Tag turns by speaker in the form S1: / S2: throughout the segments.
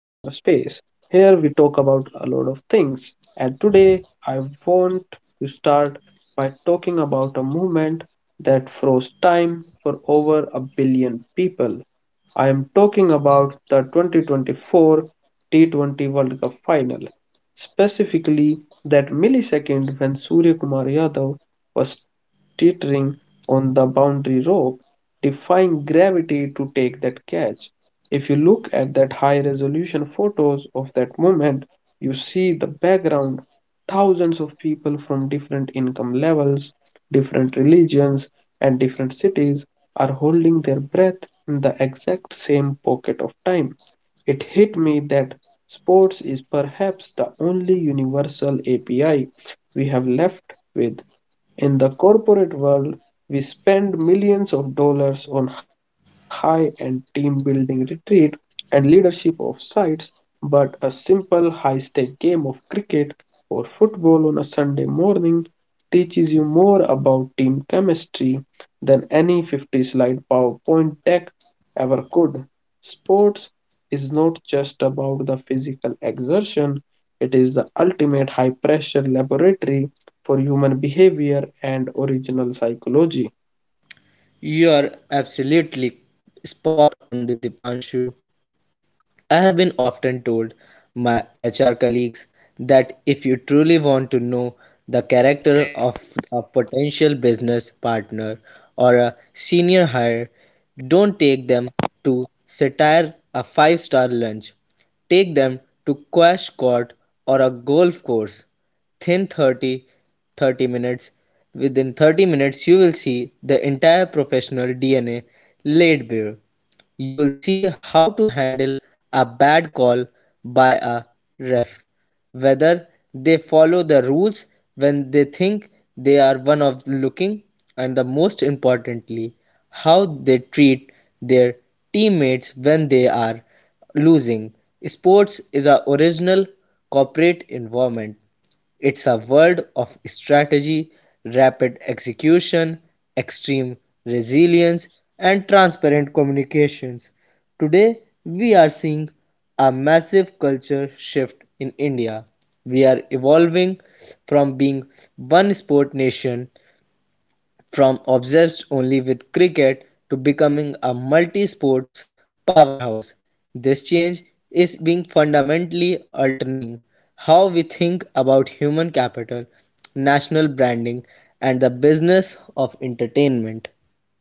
S1: Here we talk about a lot of things and today I want to start by talking about a movement that froze time for over a billion people. I am talking about the 2024 T20 World Cup final, specifically that millisecond when Surya Kumar Yadav was teetering on the boundary rope defying gravity to take that catch. If you look at that high resolution photos of that moment, you see the background thousands of people from different income levels, different religions, and different cities are holding their breath in the exact same pocket of time. It hit me that sports is perhaps the only universal API we have left with. In the corporate world, we spend millions of dollars on high end team building retreat and leadership of sites, but a simple high stake game of cricket or football on a Sunday morning teaches you more about team chemistry than any 50 slide PowerPoint deck ever could. Sports is not just about the physical exertion, it is the ultimate high pressure laboratory for human behavior and original psychology.
S2: You are absolutely spot on the Dipanshu. I have been often told my HR colleagues that if you truly want to know the character of a potential business partner or a senior hire, don't take them to satire a five-star lunch. Take them to quash court or a golf course. Thin 30, 30 minutes. Within 30 minutes, you will see the entire professional DNA laid bare. You'll see how to handle a bad call by a ref, whether they follow the rules when they think they are one of looking, and the most importantly, how they treat their teammates when they are losing. Sports is a original corporate environment. It's a world of strategy, rapid execution, extreme resilience, and transparent communications. Today, we are seeing a massive culture shift in India. We are evolving from being 1 sport nation from obsessed only with cricket to becoming a multi sports powerhouse. This change is being fundamentally altering how we think about human capital, national branding, and the business of entertainment.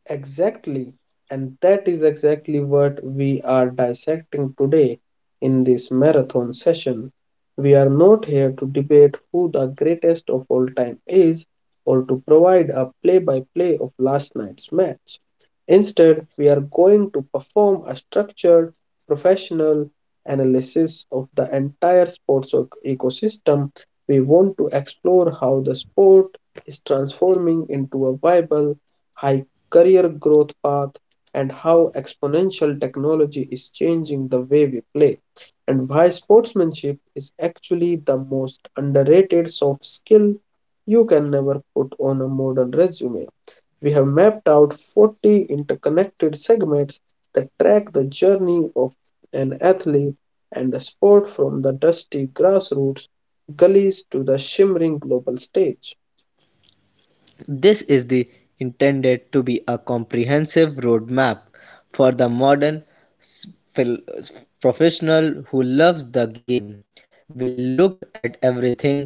S1: Exactly. And that is exactly what we are dissecting today in this marathon session. We are not here to debate who the greatest of all time is or to provide a play by play of last night's match. Instead, we are going to perform a structured, professional analysis of the entire sports ecosystem. We want to explore how the sport is transforming into a viable, high career growth path, and how exponential technology is changing the way we play, and why sportsmanship is actually the most underrated soft skill you can never put on a modern resume. We have mapped out 40 interconnected segments that track the journey of an athlete and the sport from the dusty grassroots gullies to the shimmering global stage.
S2: This is the intended to be a comprehensive roadmap for the modern professional who loves the game. We look at everything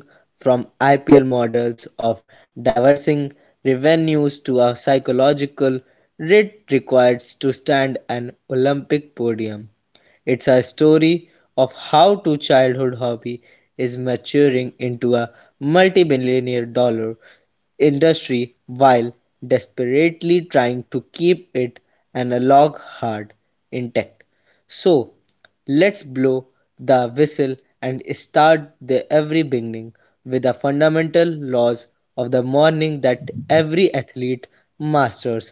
S2: from IPL models of diversing revenues to a psychological rate required to stand an Olympic podium. It's a story of how two childhood hobby is maturing into a multi-billion-dollar industry while desperately trying to keep it analog hard intact. So, let's blow the whistle and start the every beginning with the fundamental laws of the morning that every athlete masters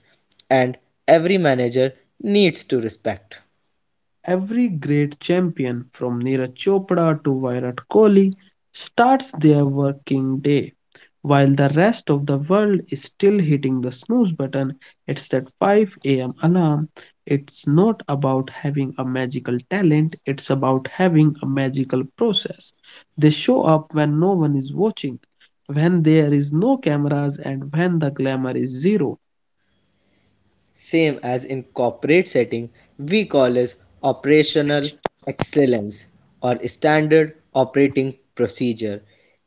S2: and every manager needs to respect.
S1: Every great champion, from Neeraj Chopra to Virat Kohli, starts their working day while the rest of the world is still hitting the snooze button. It's that 5 a.m. alarm. It's not about having a magical talent, it's about having a magical process. They show up when no one is watching, when there is no cameras, and when the glamour is zero.
S2: Same as in corporate setting, we call as operational excellence or standard operating procedure.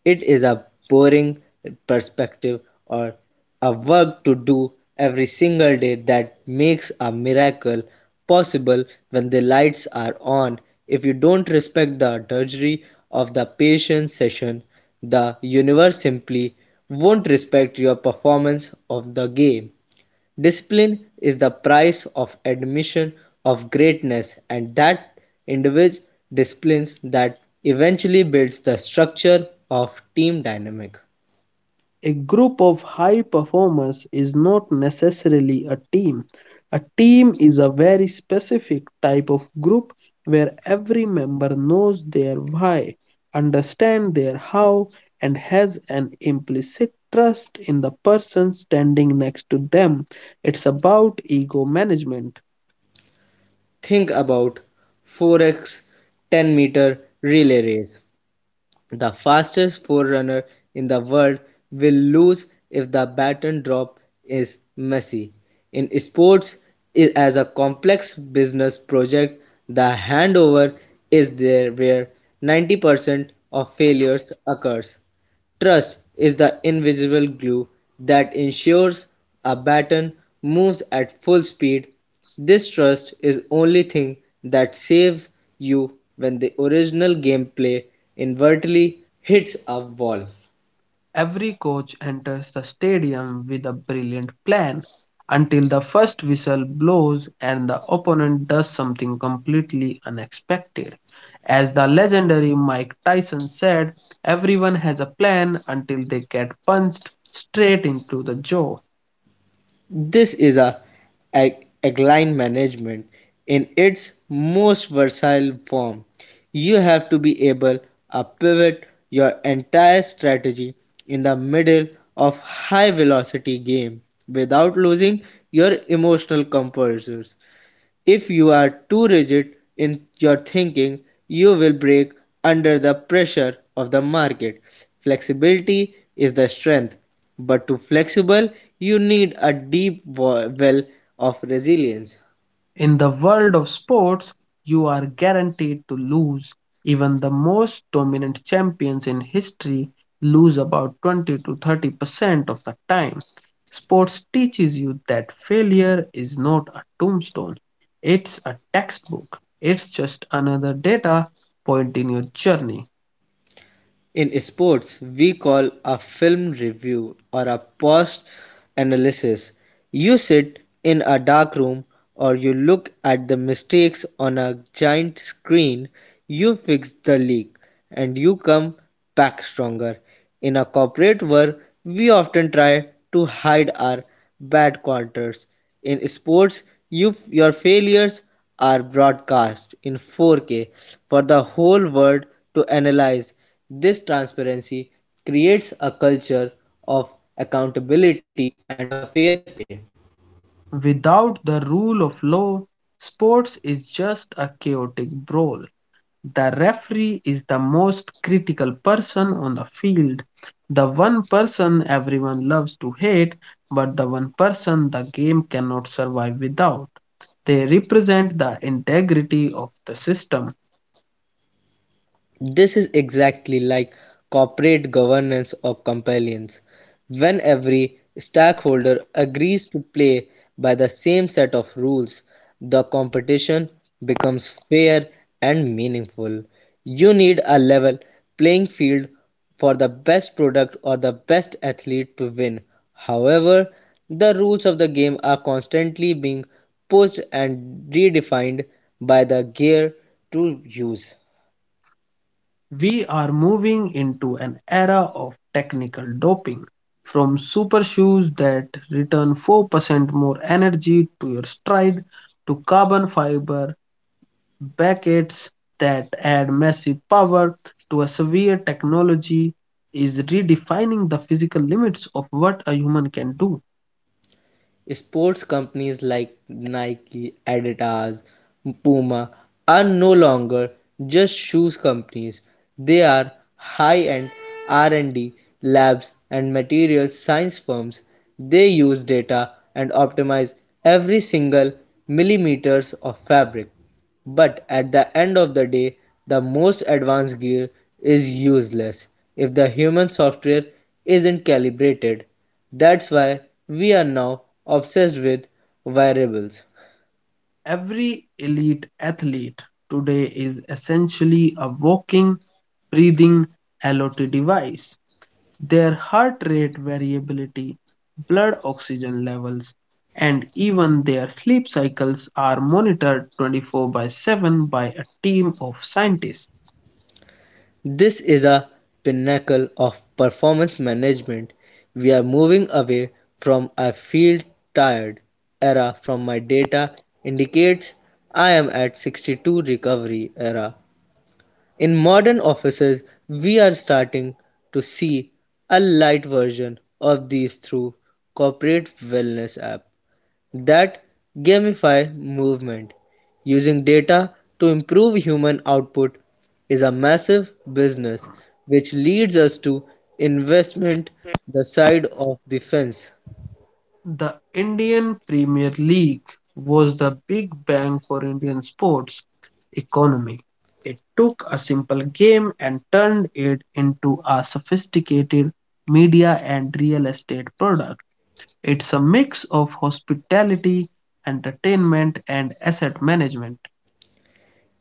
S2: It is a boring perspective or a work to do every single day that makes a miracle possible when the lights are on. If you don't respect the drudgery of the patient session, the universe simply won't respect your performance of the game. Discipline is the price of admission of greatness, and that individual disciplines that eventually builds the structure of team dynamic.
S1: A group of high performers is not necessarily a team. A team is a very specific type of group where every member knows their why, understands their how, and has an implicit trust in the person standing next to them. It's about ego management.
S2: Think about 4x10 meter relay race. The fastest forerunner in the world will lose if the baton drop is messy. In sports, as a complex business project, the handover is there where 90% of failures occurs. Trust is the invisible glue that ensures a baton moves at full speed. This trust is only thing that saves you when the original gameplay inadvertently hits a wall.
S1: Every coach enters the stadium with a brilliant plan until the first whistle blows and the opponent does something completely unexpected. As the legendary Mike Tyson said, everyone has a plan until they get punched straight into the jaw.
S2: This is a agile management in its most versatile form. You have to be able to pivot your entire strategy in the middle of high velocity game without losing your emotional composure. If you are too rigid in your thinking, you will break under the pressure of the market. Flexibility is the strength, but to be flexible, you need a deep well of resilience.
S1: In the world of sports, you are guaranteed to lose. Even the most dominant champions in history lose about 20 to 30% of the time. Sports teaches you that failure is not a tombstone, it's a textbook, it's just another data point in your journey.
S2: In sports, we call a film review or a post analysis. You sit in a dark room or you look at the mistakes on a giant screen, you fix the leak and you come back stronger. In a corporate world, we often try to hide our bad quarters. In sports, you, your failures are broadcast in 4K for the whole world to analyze. This transparency creates a culture of accountability and a fair play.
S1: Without the rule of law, sports is just a chaotic brawl. The referee is the most critical person on the field, the one person everyone loves to hate, but the one person the game cannot survive without. They represent the integrity of the system.
S2: This is exactly like corporate governance or compliance. When every stakeholder agrees to play by the same set of rules, the competition becomes fair and meaningful. You need a level playing field for the best product or the best athlete to win. However, the rules of the game are constantly being pushed and redefined by the gear to use.
S1: We are moving into an era of technical doping. From super shoes that return 4% more energy to your stride to carbon fiber brackets that add massive power to a severe technology is redefining the physical limits of what a human can do.
S2: Sports companies like Nike, Adidas, Puma are no longer just shoes companies. They are high-end R&D labs and materials science firms. They use data and optimize every single millimeters of fabric. But at the end of the day the most advanced gear is useless if the human software isn't calibrated. That's why we are now obsessed with variables.
S1: Every elite athlete today is essentially a walking, breathing LOT device. Their heart rate variability, blood oxygen levels, and even their sleep cycles are monitored 24 by 7 by a team of scientists.
S2: This is a pinnacle of performance management. We are moving away from I feel tired era from my data indicates I am at 62 recovery era. In modern offices we are starting to see a light version of these through corporate wellness app that gamify movement. Using data to improve human output is a massive business which leads us to investment the side of the fence.
S1: The Indian Premier League was the big bang for Indian sports economy. It took a simple game and turned it into a sophisticated media and real estate product. It's a mix of hospitality, entertainment, and asset management.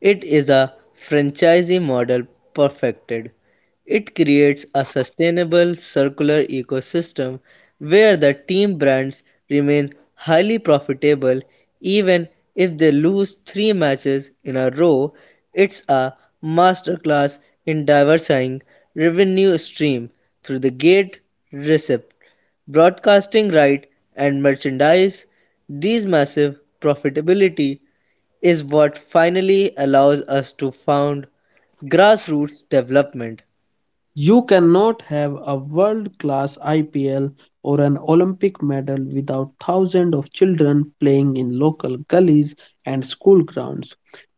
S2: It is a franchisee model perfected. It creates a sustainable circular ecosystem where the team brands remain highly profitable even if they lose three matches in a row. It's a masterclass in diversifying revenue stream through the gate, receipt, broadcasting right, and merchandise. These massive profitability is what finally allows us to found grassroots development.
S1: You cannot have a world-class IPL or an Olympic medal without thousands of children playing in local gullies and school grounds.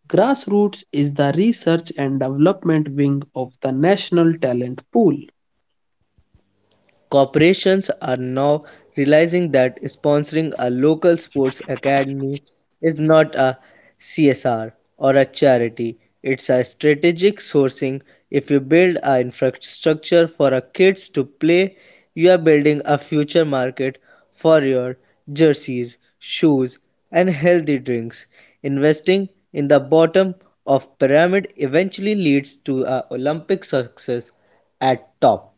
S1: Grassroots is the research and development wing of the national talent pool.
S2: Corporations are now realizing that sponsoring a local sports academy is not a CSR or a charity, it's a strategic sourcing. If you build an infrastructure for a kids to play, you are building a future market for your jerseys, shoes, and healthy drinks. Investing in the bottom of pyramid eventually leads to a Olympic success at top.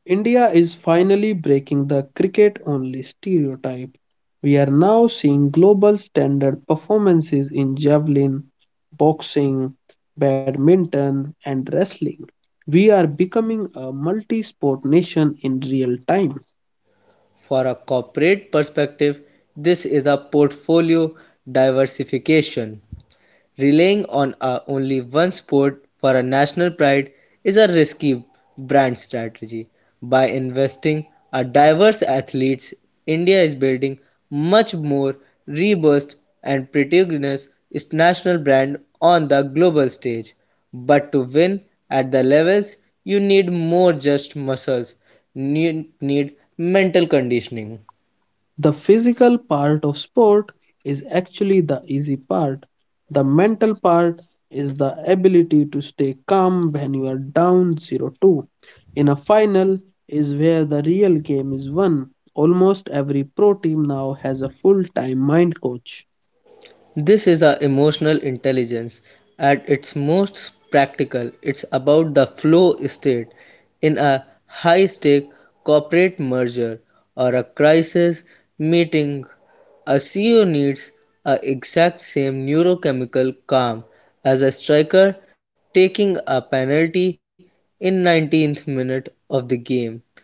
S1: India is finally breaking the cricket only stereotype. We are now seeing global standard performances in javelin, boxing, badminton, and wrestling. We are becoming a multi sport nation in real time.
S2: For a corporate perspective, this is a portfolio diversification. Relying on a only one sport for a national pride is a risky brand strategy. By investing in diverse athletes, India is building much more robust and prestigious its national brand on the global stage. But to win at the levels, you need more just muscles. You need mental conditioning.
S1: The physical part of sport is actually the easy part. The mental part is the ability to stay calm when you are down 0-2. In a final is where the real game is won. Almost every pro team now has a full-time mind coach.
S2: This is the emotional intelligence at its most practical. It's about the flow state in a high stake corporate merger or a crisis meeting. A CEO needs a exact same neurochemical calm as a striker taking a penalty in 19th minute of the game.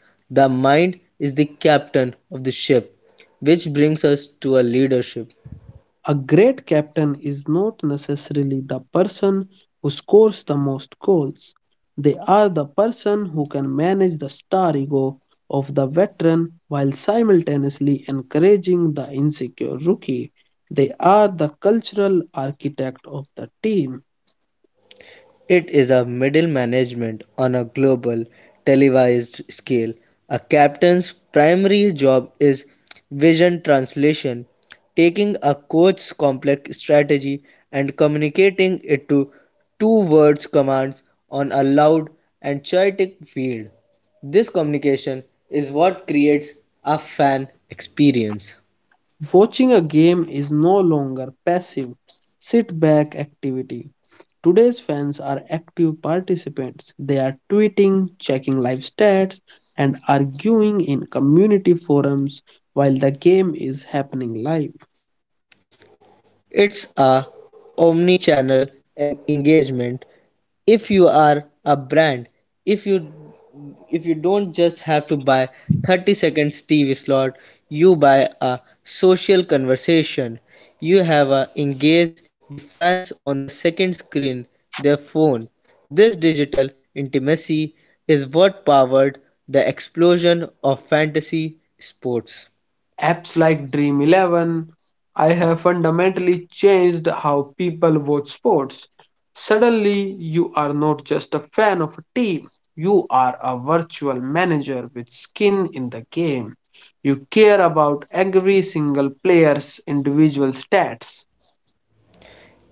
S2: The mind is the captain of the ship, which brings us to a leadership.
S1: A great captain is not necessarily the person who scores the most goals. They are the person who can manage the star ego of the veteran while simultaneously encouraging the insecure rookie. They are the cultural architect of the team.
S2: It is a middle management on a global televised scale. A captain's primary job is vision translation, taking a coach's complex strategy and communicating it to two words commands on a loud and chaotic field. This communication is what creates a fan experience.
S1: Watching a game is no longer passive sit back activity. Today's fans are active participants. They are tweeting, checking live stats, and arguing in community forums while the game is happening live.
S2: It's a omni-channel engagement. If you are a brand, if you if you don't just have to buy 30 seconds tv slot, you buy a social conversation, you have a engaged the fans on the second screen, their phone. This digital intimacy is what powered the explosion of fantasy sports.
S1: Apps like Dream 11, I have fundamentally changed how people watch sports. Suddenly, you are not just a fan of a team, you are a virtual manager with skin in the game. You care about every single player's individual stats.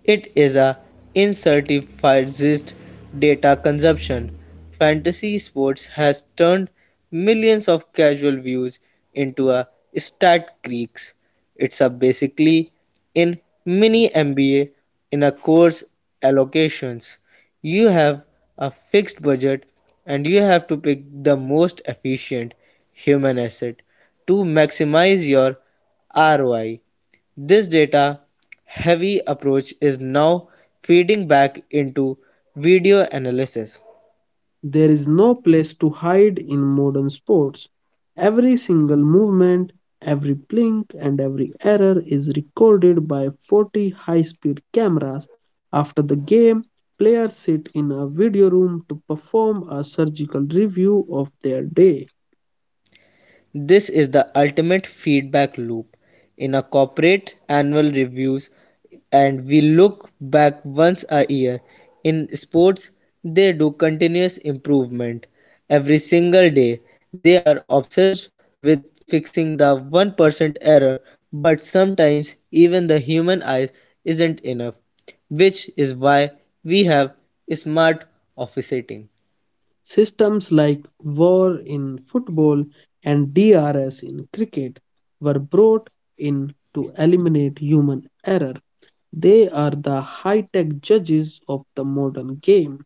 S2: It is a incentivized data consumption. Fantasy sports has turned millions of casual views into a stat creeks. It's a basically in mini MBA in a course allocations. You have a fixed budget and you have to pick the most efficient human asset to maximize your ROI. This data heavy approach is now feeding back into video analysis.
S1: There is no place to hide in modern sports. Every single movement, every blink, and every error is recorded by 40 high speed cameras. After the game, players sit in a video room to perform a surgical review of their day.
S2: This is the ultimate feedback loop. In a corporate annual reviews and we look back once a year. In sports they do continuous improvement every single day. They are obsessed with fixing the 1% error, but sometimes even the human eyes isn't enough, which is why we have smart office setting.
S1: Systems like VAR in football and DRS in cricket were brought in to eliminate human error. They are the high tech judges of the modern game.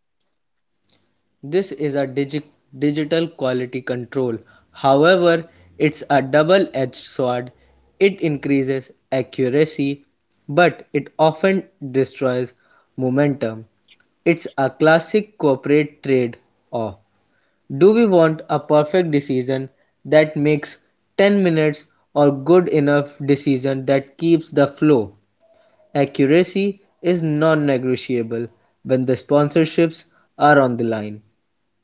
S2: This is a digital quality control. However, it's a double edged sword. It increases accuracy, but it often destroys momentum. It's a classic corporate trade off. Do we want a perfect decision that makes 10 minutes or good enough decision that keeps the flow? Accuracy is non negotiable when the sponsorships are on the line.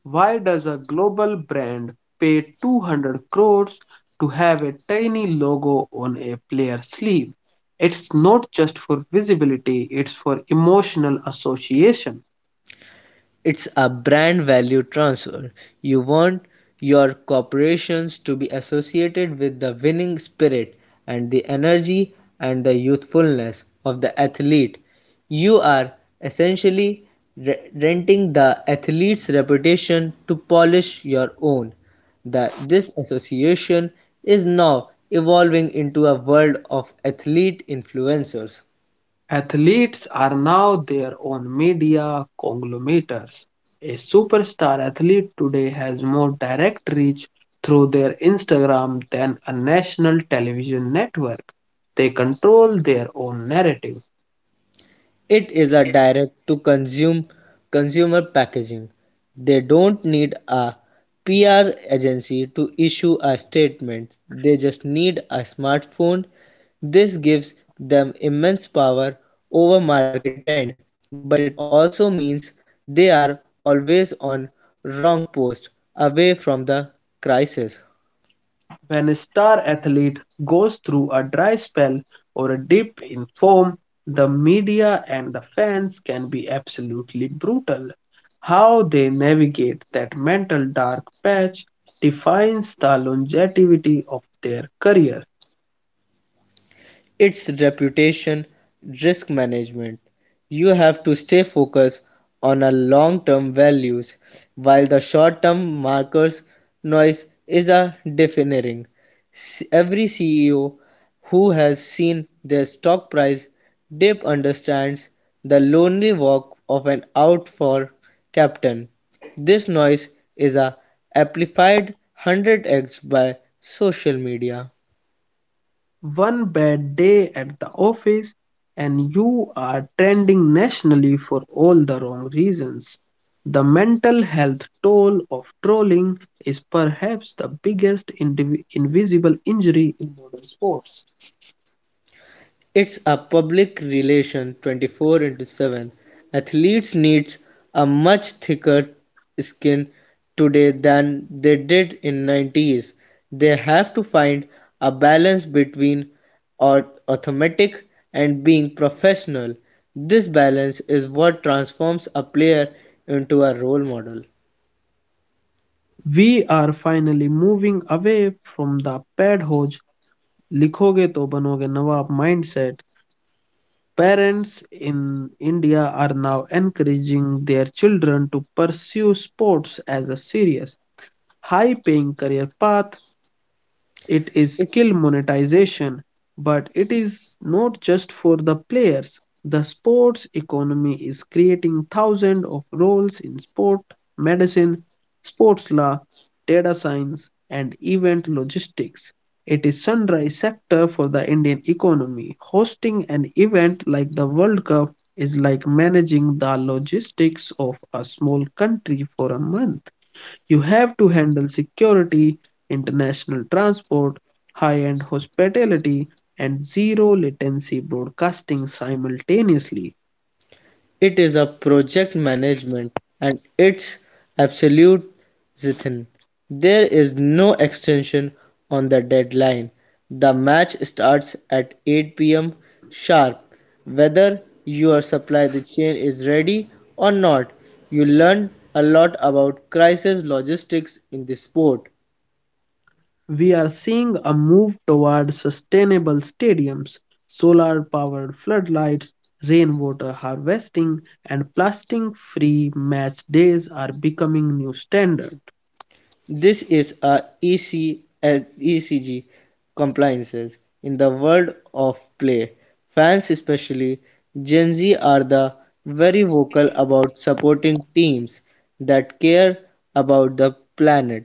S1: Why does a global brand pay 200 crores to have a tiny logo on a player's sleeve? It's not just for visibility, it's for emotional association.
S2: It's a brand value transfer. You want your corporations to be associated with the winning spirit and the energy and the youthfulness of the athlete. You are essentially renting the athlete's reputation to polish your own. This association is now evolving into a world of athlete influencers.
S1: Athletes are now their own media conglomerates. A superstar athlete today has more direct reach through their Instagram than a national television network. They control their own narrative.
S2: It is a direct to consume consumer packaging. They don't need a PR agency to issue a statement. They just need a smartphone. This gives them immense power over market trend, but it also means they are always on wrong post away from the crisis.
S1: When a star athlete goes through a dry spell or a dip in form, the media and the fans can be absolutely brutal. How they navigate that mental dark patch defines the longevity of their career.
S2: Its reputation, risk management. You have to stay focused on our long term values while the short term markers noise is a deafening. Every CEO who has seen their stock price dip understands the lonely walk of an out for captain. This noise is a amplified 100x by social media.
S1: One bad day at the office and you are trending nationally for all the wrong reasons. The mental health toll of trolling is perhaps the biggest invisible injury in modern sports.
S2: It's a public relation 24 into 7. Athletes need a much thicker skin today than they did in 90s. They have to find a balance between automatic and being professional. This balance is what transforms a player into a role model.
S1: We are finally moving away from the pad hoj likhoge to banoge nawab mindset. Parents in India are now encouraging their children to pursue sports as a serious high-paying career path. It is
S2: It
S1: skill monetization, but it is not just for the players. The sports economy is creating thousands of roles in sport, medicine, sports law, data science, and event logistics. It is sunrise sector for the Indian economy. Hosting an event like the World Cup is like managing the logistics of a small country for a month. You have to handle security, international transport, high-end hospitality, and zero-latency broadcasting simultaneously.
S2: It is a project management and it's absolute zithin. There is no extension on the deadline. The match starts at 8 p.m. sharp. Whether your supply the chain is ready or not, you learn a lot about crisis logistics in the sport.
S1: We are seeing a move toward sustainable stadiums, solar-powered floodlights, rainwater harvesting, and plastic-free match days are becoming new standards.
S2: This is a ECG compliances in the world of play. Fans, especially Gen Z, are the very vocal about supporting teams that care about the planet.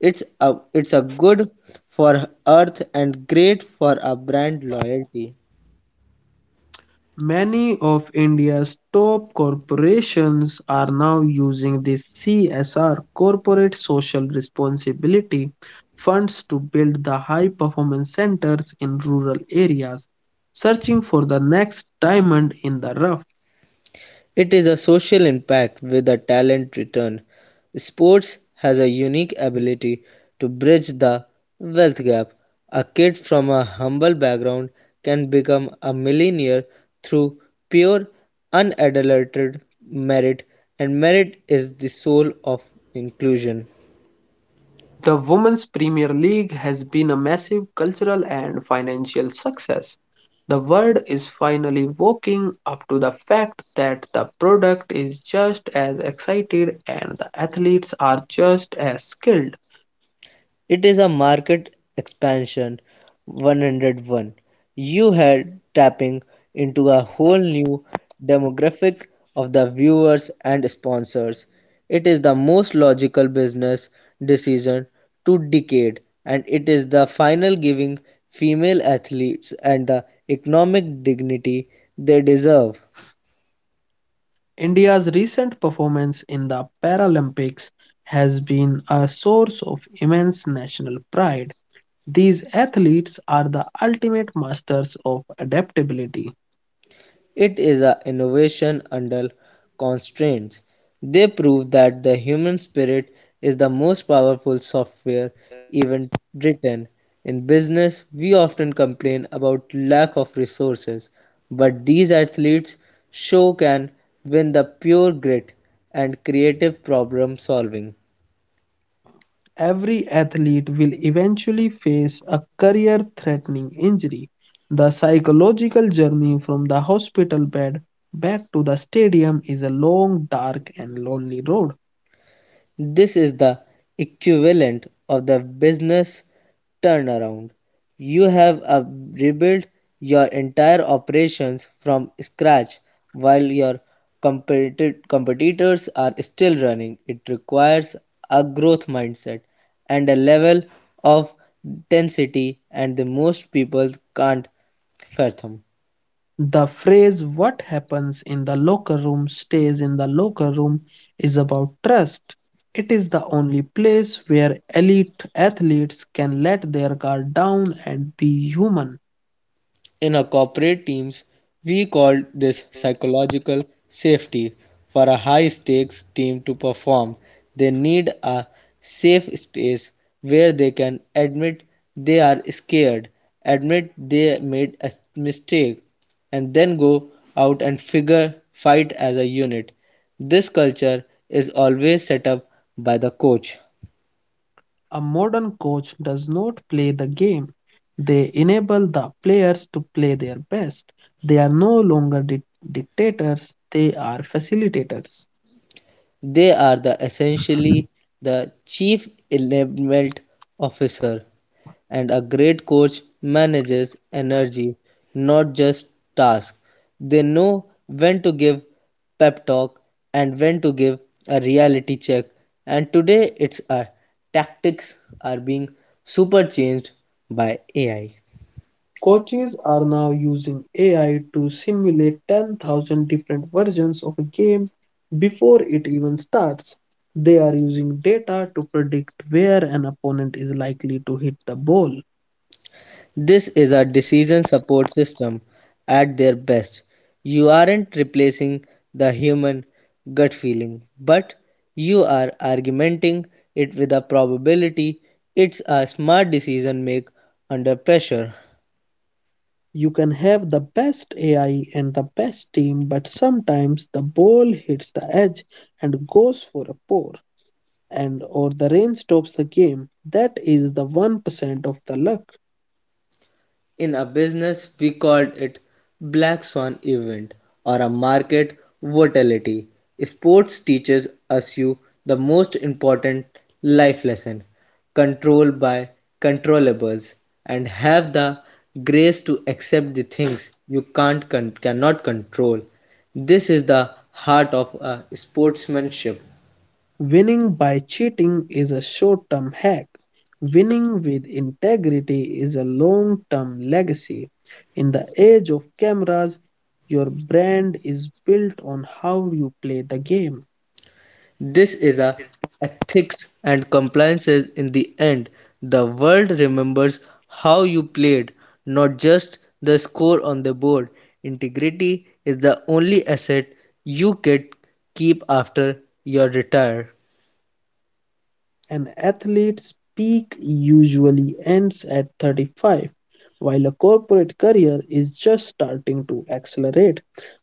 S2: It's a good for Earth and great for a brand loyalty.
S1: Many of India's top corporations are now using the CSR Corporate Social Responsibility funds to build the high performance centers in rural areas, searching for the next diamond in the rough.
S2: It is a social impact with a talent return. Sports has a unique ability to bridge the wealth gap. A kid from a humble background can become a millionaire through pure, unadulterated merit, and merit is the soul of inclusion.
S1: The Women's Premier League has been a massive cultural and financial success. The world is finally waking up to the fact that the product is just as excited and the athletes are just as skilled.
S2: It is a market expansion 101. You had tapping into a whole new demographic of the viewers and sponsors. It is the most logical business decision to decade, and it is the final giving female athletes and the economic dignity they deserve.
S1: India's recent performance in the Paralympics has been a source of immense national pride. These athletes are the ultimate masters of adaptability.
S2: It is an innovation under constraints. They prove that the human spirit is the most powerful software even written. In business, we often complain about lack of resources, but these athletes show can win the pure grit and creative problem solving.
S1: Every athlete will eventually face a career threatening injury. The psychological journey from the hospital bed back to the stadium is a long, dark, and lonely road.
S2: This is the equivalent of the business turnaround. You have rebuilt your entire operations from scratch while your competitors are still running. It requires a growth mindset and a level of intensity and the most people can't fathom.
S1: The phrase, what happens in the locker room stays in the locker room, is about trust. It is the only place where elite athletes can let their guard down and be human.
S2: In our corporate teams, we called this psychological safety. For a high stakes team to perform, they need a safe space where they can admit they are scared, admit they made a mistake, and then go out and figure fight as a unit. This culture is always set up by the coach.
S1: A modern coach does not play the game. They enable the players to play their best. They are no longer dictators, they are facilitators.
S2: They are the essentially the chief enablement officer, and a great coach manages energy, not just tasks. They know when to give pep talk and when to give a reality check. And today it's our tactics are being super changed by AI.
S1: Coaches are now using AI to simulate 10,000 different versions of a game before it even starts. They are using data to predict where an opponent is likely to hit the ball.
S2: This is a decision support system at their best. You aren't replacing the human gut feeling, but you are argumenting it with a probability. It's a smart decision make under pressure.
S1: You can have the best AI and the best team, but sometimes the ball hits the edge and goes for a pour, and or the rain stops the game. That is the 1% of the luck.
S2: In a business, we called it black swan event or a market volatility. Sports teaches us you the most important life lesson: control by controllables, and have the grace to accept the things you can't cannot control. This is the heart of sportsmanship.
S1: Winning by cheating is a short-term hack. Winning with integrity is a long-term legacy. In the age of cameras, your brand is built on how you play the game.
S2: This is a ethics and compliances in the end. The world remembers how you played, not just the score on the board. Integrity is the only asset you can keep after your retire.
S1: An athlete's peak usually ends at 35, while a corporate career is just starting to accelerate.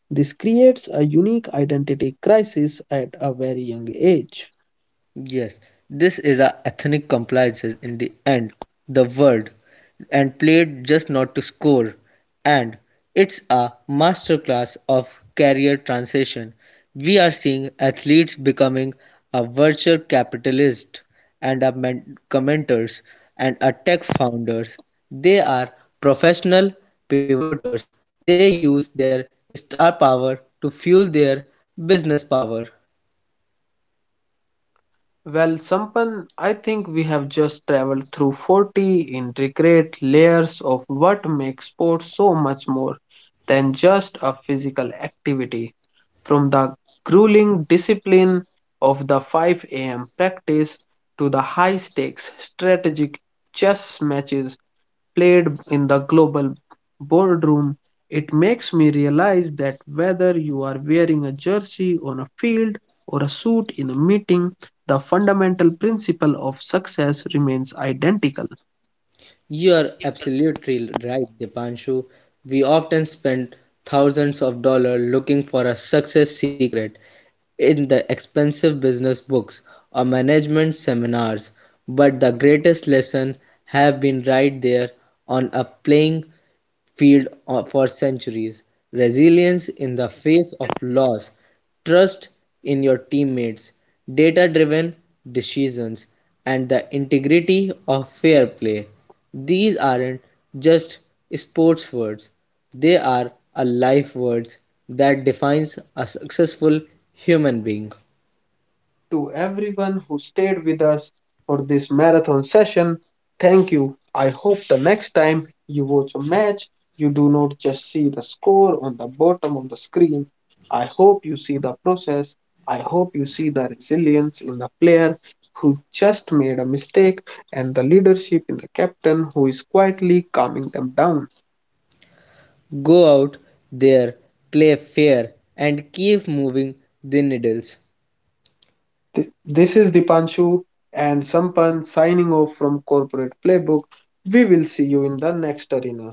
S1: This creates a unique identity crisis at a very young age.
S2: Yes, this is a ethnic compliances in the end, the word, and played just not to score. And it's a masterclass of career transition. We are seeing athletes becoming a virtual capitalist and a commenters and a tech founders. They are professional pivoters. They use their star power to fuel their business power.
S1: Well, Sampan, I think we have just traveled through 40 intricate layers of what makes sports so much more than just a physical activity. From the grueling discipline of the 5 a.m. practice to the high stakes strategic chess matches played in the global boardroom, it makes me realize that whether you are wearing a jersey on a field or a suit in a meeting, the fundamental principle of success remains identical.
S2: You're absolutely right, Dipanshu. We often spend thousands of dollars looking for a success secret in the expensive business books or management seminars, but the greatest lesson have been right there on a playing field for centuries, resilience in the face of loss, trust in your teammates, data driven decisions, and the integrity of fair play. These aren't just sports words, they are a life words that defines a successful human being.
S1: To everyone who stayed with us for this marathon session. Thank you. I hope the next time you watch a match, you do not just see the score on the bottom of the screen. I hope you see the process. I hope you see the resilience in the player who just made a mistake and the leadership in the captain who is quietly calming them down.
S2: Go out there, play fair, and keep moving the needles.
S1: This is Dipanshu and Sampan signing off from Corporate Playbook. We will see you in the next arena.